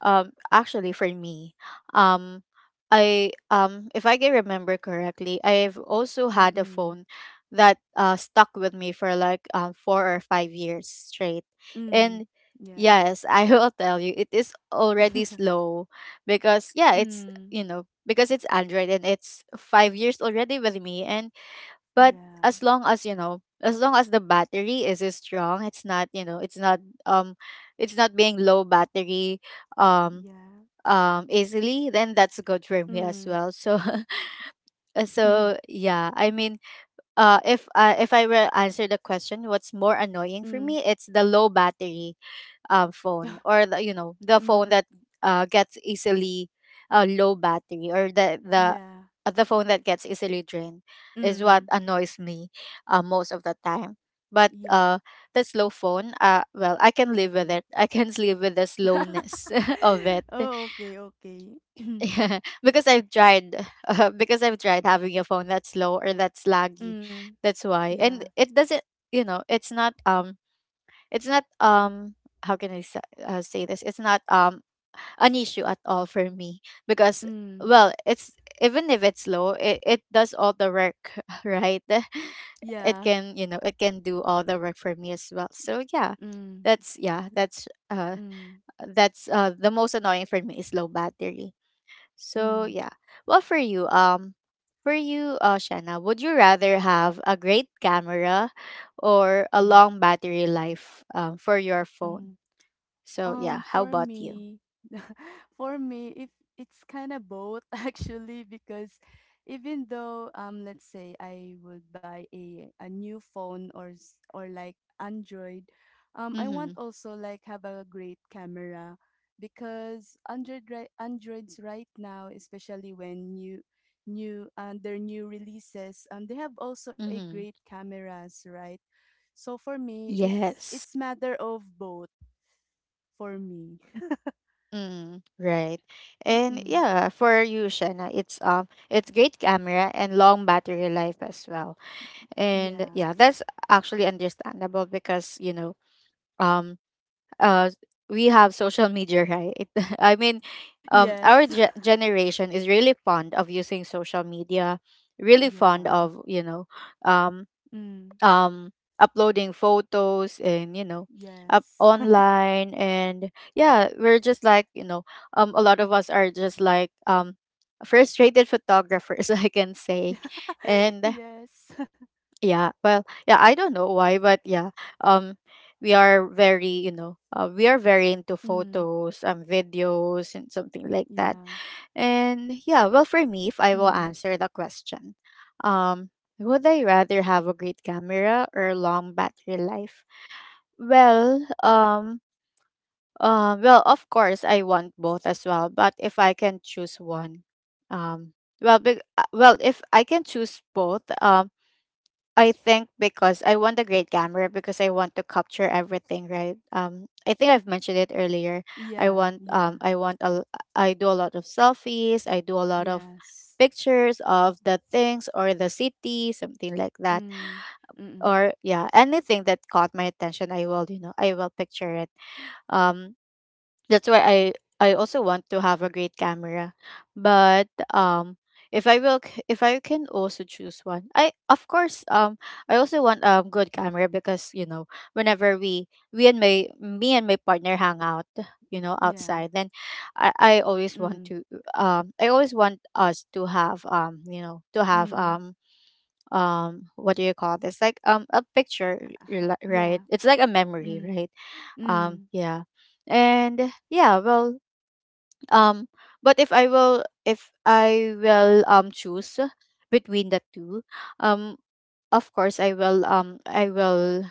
for me, um, I if I can remember correctly, I've also had a Mm, phone that, stuck with me for like, 4 or 5 years straight, mm, and yeah. yes, I will tell you, it is already slow, because yeah, it's Mm, you know because it's Android, and it's 5 years already with me, and, but yeah, as long as, As long as the battery is strong, it's not, um, it's not being low battery. Um, yeah. Easily, then that's good for me as Mm. well, so. Uh, so yeah, I mean, if, if I were answer the question, what's more annoying for Mm. me, it's the low battery, phone, or the, you know, the phone Mm. that, gets easily, low battery, or Yeah. The phone that gets easily drained, is Mm. what annoys me, most of the time. But Yeah. The slow phone, well, I can live with it, I can live with the slowness of it. Oh, okay, okay. Because I've tried because I've tried having a phone that's slow or that's laggy. Mm. That's why. Yeah. And it doesn't, you know, it's not, it's not um how can I say this? It's not, an issue at all for me, because, Mm. well, it's, even if it's slow, it, does all the work, right? It Yeah. can, you know, it can do all the work for me as well. So yeah. Mm. That's, yeah, that's, Mm. that's, the most annoying for me is low battery, so Mm. yeah. Well, for you, Shanna, would you rather have a great camera or a Mm. long battery life, for your phone? Mm. So yeah, how For about you? me, for me, if it's kind of both, actually, because even though let's say I would buy a new phone or or like Android, I want Mm-hmm. also like have a great camera, because Androids right now, especially when new new their new releases, they have also a great Mm-hmm. cameras, right? So for me, it's Yes. it's matter of both for me. Mm, right. And Mm-mm. yeah, for you, Shanna, it's great camera and long battery life as well. And Yeah. yeah, that's actually understandable because um, uh we have social media, right? i mean um our Yes. Generation is really fond of using social media, really Yeah. fond of, you know um Mm. um uploading photos and, you know, up Yes. online. And yeah, we're just like, you know, a lot of us are just like, frustrated photographers, I can say. And Yes. yeah, I don't know why, but yeah, um, we are very, you know, we are very into Mm. photos, videos, and something like that. Yeah. And yeah, well, for me, if I will Mm. answer the question, um, would I rather have a great camera or long battery life? Well, um, well, of course, I want both as well, but if I can choose one, um, if I can choose both, I think because I want a great camera because I want to capture everything, right? I think I've mentioned it earlier. I Yeah. want, Yeah. I want a, I do a lot of selfies. I do a lot of Yes. pictures of the things or the city, something like that. Mm. Mm. Or yeah, anything that caught my attention, I will, you know, I will picture it. Um, that's why I also want to have a great camera. But if I will if I can also choose one, I of course, I also want a good camera because, you know, whenever we and my me and my partner hang out, you know, Yeah. outside, then I always want Mm. to, I always want us to have, um, to have, Mm. um, what do you call this, like, a picture you're right, Yeah. it's like a memory, Mm. right? Um, Mm. yeah. And yeah, well, um but if I will choose between the two, um of course I will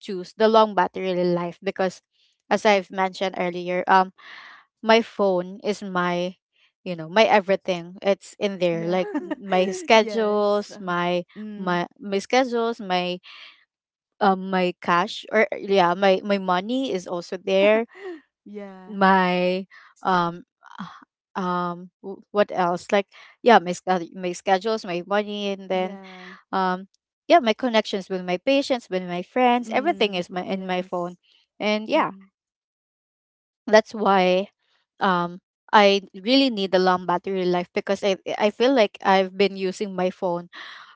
choose the long battery life, because as I've mentioned earlier, my phone is my, you know, my everything. It's in there, Yeah. like my Yes. schedules, my mm. Schedules, my my cash, or yeah, my money is also there. Yeah. My um what else, like, yeah, my schedule, my schedules, my money, and then Yeah. um yeah, my connections with my patients, with my friends, everything Mm. is my in my Yes. phone. And yeah, Mm-mm. that's why, um I really need a long battery life, because I feel like I've been using my phone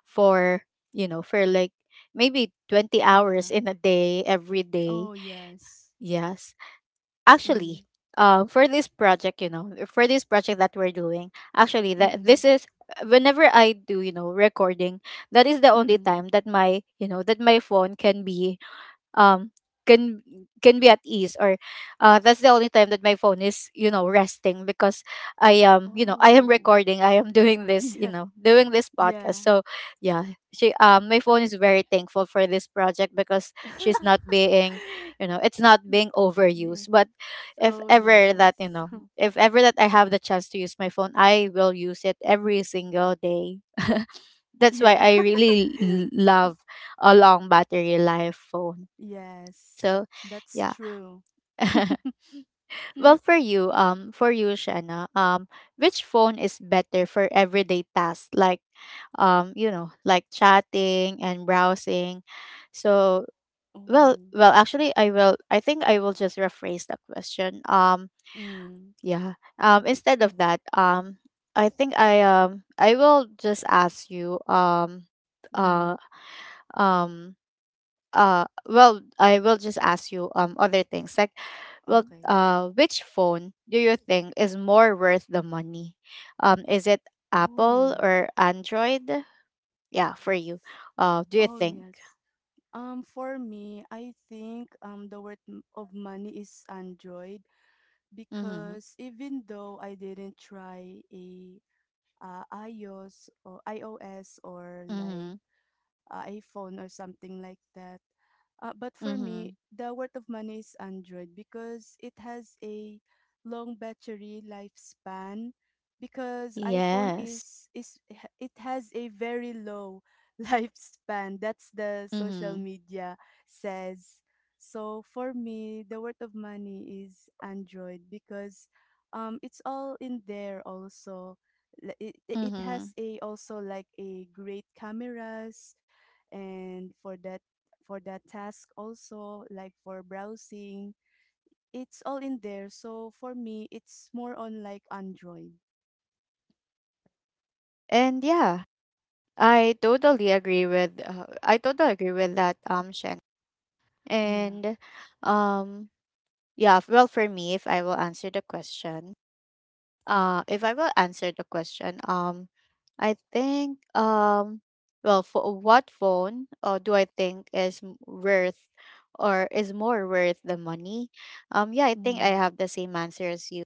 for, you know, for like maybe 20 Yeah. hours in a day, every Oh, day. yes. Yes, Mm. actually. For this project, you know, for this project that we're doing, actually, that Mm. this is whenever I do, you know, recording, that is the only Mm. time that my, you know, that my phone can be, um can can be at ease, or that's the only time that my phone is, you know, resting, because I am, you know, I am Oh. recording, I am doing this, you Yeah. know, doing this podcast. Yeah. So yeah, she, my phone is very thankful for this project, because she's not being, you know, it's not Mm, being overused. yes. But if Oh, ever that, you yes. know, if ever that I have the chance to use my phone, I will use it every single day. That's why Yeah. I really love a long battery life phone. Yes. So, That's yeah. true. Mm. Well, for you, Shanna, which phone is better for everyday tasks like, you know, like chatting and browsing? So, well, Oh. well, actually, I will, I think I will just rephrase the question. Mm. Yeah. Instead of that, I think I will just ask you, Mm. uh um, well, I will just ask you, other things, like, well Okay. uh which phone do you think is more worth the money? Um, is it Oh. Apple or Android? Yeah, for you, do you Oh, think? yes. For me, I think the word of money is Android, Mm-hmm. because even though I didn't try a iOS, or like Mm-hmm. iPhone or something like that. But for me, Mm-hmm. the word of money is Android because it has a long battery lifespan. Because iPhone Yes. Is it has a very low lifespan. That's the social Mm-hmm. media says. So for me, the word of money is Android because it's all in there also. It it it has Mm-hmm. a also like a great cameras, and for that, for that task also like for browsing, it's all in there. So for me, it's more on like Android. And yeah, I totally agree with, I totally agree with that, Shen. Yeah. And um yeah, well, for me, if I will answer the question, if I will answer the question, I think, well, for what phone, do I think is worth, or is more worth the money? Yeah, I think I Mm, have the same answer as you.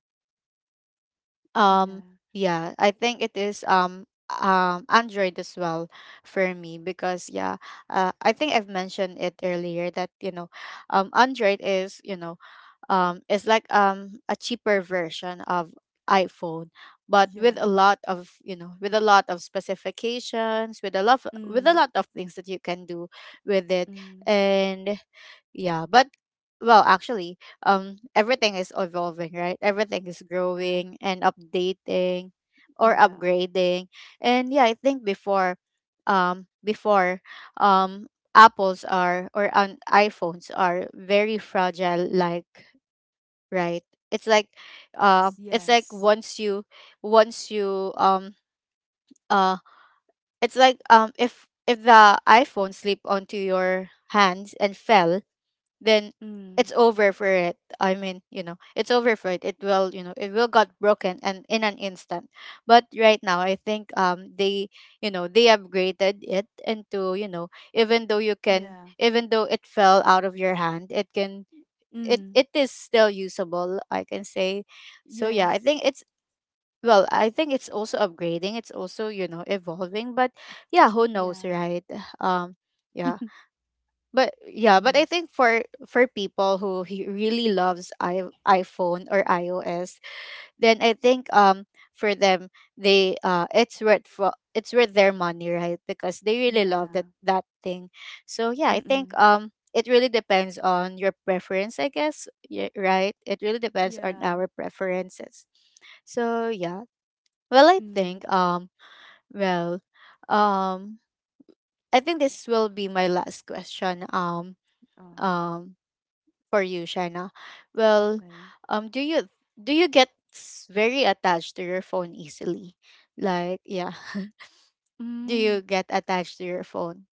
Um, yeah. yeah, I think it is, Android as well for me. Because yeah, I think I've mentioned it earlier that, you know, Android is, you know, it's like, a cheaper version of iPhone, but with a Yeah. lot of, you know, with a lot of specifications, with a lot, with a Mm, lot of things that you can do with it. mm, And yeah, but well, actually, everything is evolving, right? Everything is yeah. growing and updating, or Yeah. upgrading. And yeah, I think before, um before um Apples are, or an iPhones are very fragile, like, right, it's like, Yes. it's like Yes. once you, once you, um uh it's like, if the iPhone slip onto your hands and fell, then it's Mm, over for it. I mean, you know, it's over for it, it will, you know, it will got broken and in an instant. But right now, I think, they, you know, they upgraded it into, you know, even though you can, yeah. even though it fell out of your hand, it can, Mm, it is still usable, I can say. So yeah, I think yes. it's, well, I think it's also upgrading, it's also, you know, evolving. But yeah, who knows, Yeah. right? Um, yeah. But yeah but I Mm, think for people who he really loves, I iPhone or iOS, then I think, for them, they, it's worth for, it's worth their money, right? Because they really love that, yeah. that thing. So yeah, I think, Mm-mm, it really depends on your preference, I guess. Yeah, right? It really depends on yeah. our preferences. So yeah. Well, I Mm, think um well um I think this will be my last question. Um um, um for you, Shaina. Well, okay. Do you, do you get very attached to your phone easily? Like, yeah, do you Mm. get attached to your phone?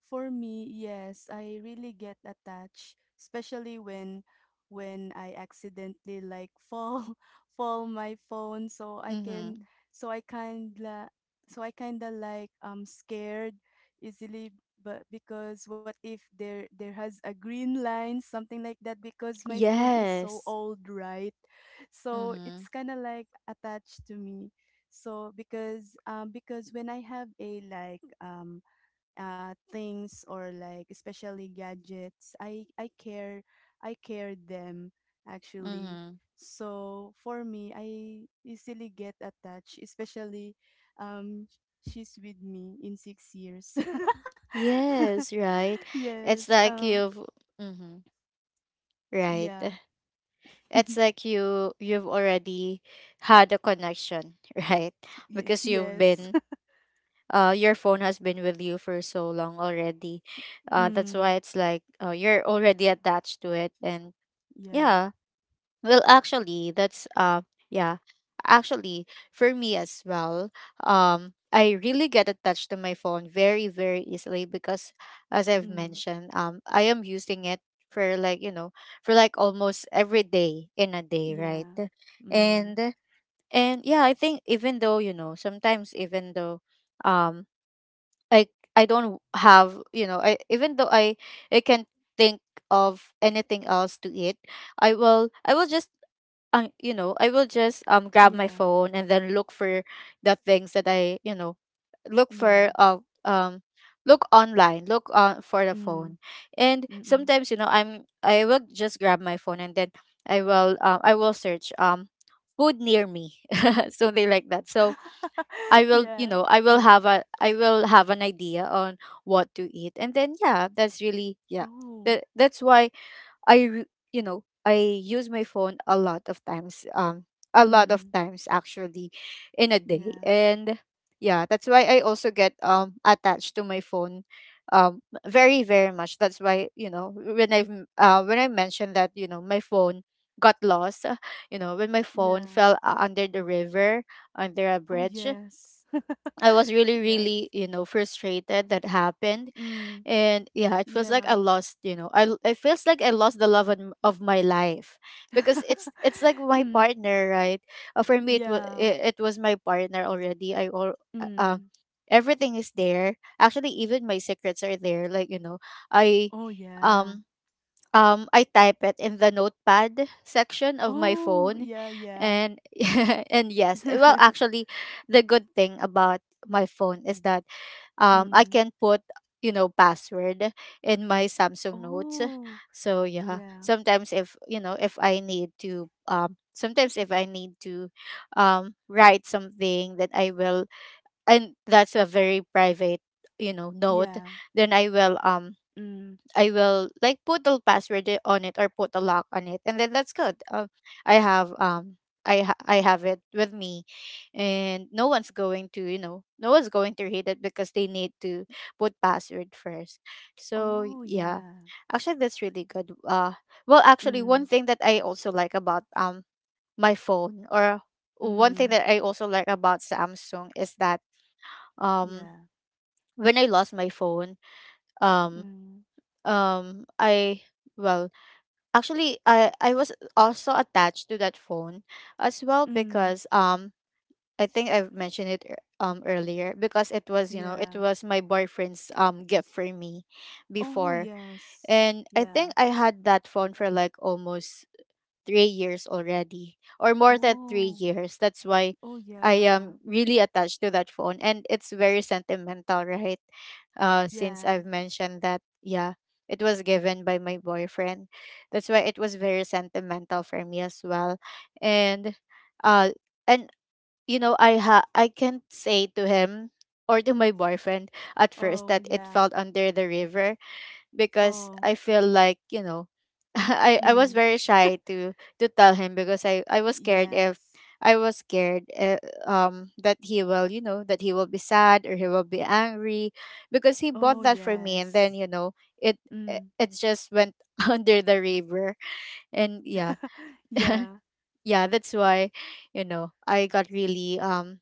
For me, yes, I really get attached, especially when I accidentally like fall fall my phone, so I can Mm-hmm. so I kinda I kinda like scared easily, but because what if there there has a green line, something like that, because my phone is so Yes. old, right? So Mm-hmm. it's kind of like attached to me. So because when I have a like things or like especially gadgets, I care, I care them, actually. Mm-hmm. So for me, I easily get attached, especially um she's with me in 6 years. Yes, right. Yes, It's like uh, you've, mm-hmm, right. yeah, It's like you, you've already had a connection, right? Because you've yes. been, your phone has been with you for so long already, that's Mm. why it's like, you're already attached to it. And Yeah. yeah, well, actually, that's yeah actually, for me as well, I really get attached to my phone very, very easily, because as I've Mm. mentioned, I am using it for like, you know, for like almost every day in a day, Yeah. right? Mm. and and yeah, I think even though, you know, sometimes even though, um I I don't have, you know, I, even though I can think of anything else to eat, I will just, you know, I will just, grab my Yeah. phone and then look for the things that I, you know, look Yeah. for, um look online, look on for the Mm. phone. And Mm. sometimes, you know, I will just grab my phone and then I will search, food near me, something like that. So I will, you Yeah. know, Yeah. I will have an idea on what to eat. And then yeah, that's really yeah. Oh, That that's why I re- you know, I use my phone a lot of times, a lot of mm, times, actually, in a day. yeah, And yeah, that's why I also get, attached to my phone, very, very much. That's why, you know, when I, when I mentioned that, you know, my phone got lost, you know, when my phone yeah. fell, under the river, under a Oh, bridge, yes. I was really, Yes. really, you know, frustrated that happened. Mm, And yeah, it feels like I yeah. lost, you know, I, it feels like I lost the love of my life, because it's like my Mm, partner, right? For me, it was, yeah. It was my partner already. I all, uh, uh, Mm. everything is there. Actually, even my secrets are there. Like, you know, I, Oh, yeah. um I type it in the notepad section of my Oh, phone, yeah, yeah. and and yes, well, actually, the good thing about my phone is that, I Mm. can put, you know, password in my Samsung notes. Oh, So yeah, yeah. sometimes, if you know, if I need to, sometimes if I need to, write something that I will, and that's a very private, you know, note, Yeah. then I will, Mm. I will like put a password on it, or put a lock on it, and then that's good. I have, I have it with me, and no one's going to, you know, no one's going to read it, because they need to put password first. So Oh, yeah, yeah. actually, that's really good. Well, actually, Mm. one thing that I also like about, my phone, or one thing Mm. that I also like about Samsung is that, um Yeah. when I lost my phone, um Mm. I, well, actually, I was also attached to that phone as well, Mm. because, I think I've mentioned it earlier, because it was, you know, it Yeah. was my boyfriend's gift for me Oh, before. yes. And I Yeah. think I had that phone for like almost 3 years already, or more than Oh, 3 years. That's why oh, I yeah. am really attached to that phone, and it's very sentimental, right? Since Yeah. I've mentioned that, yeah, it was given by my boyfriend. That's why it was very sentimental for me as well, and uh, and you know, I can't say to him, or to my boyfriend at first, Oh, that it yeah. fell under the river, because Oh. I feel like, you know, I Mm. was very shy to tell him, because I was scared if, Yes. I was scared, that he will, you know, that he will be sad, or he will be angry, because he Oh, bought that for me, and yes. then, you know, it Mm. it it just went under the river. And Yeah. yeah, yeah, that's why, you know, I got really,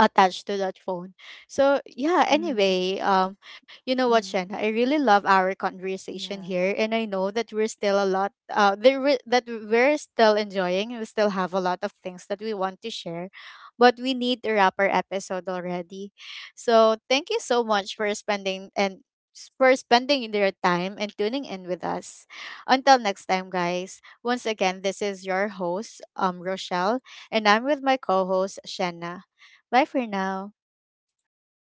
attached to that phone. So yeah, Mm. anyway, you know Mm. what, Shanna, I really love our Yeah. conversation here, and I know that we're still a lot, there that we're still enjoying. We still have a lot of things that we want to share, but we need to wrap our episode already. So thank you so much for spending, and for spending your time and tuning in with us. Until next time, guys. Once again, this is your host, Rochelle, and I'm with my co-host, Shanna. Bye for now. Bye, everyone.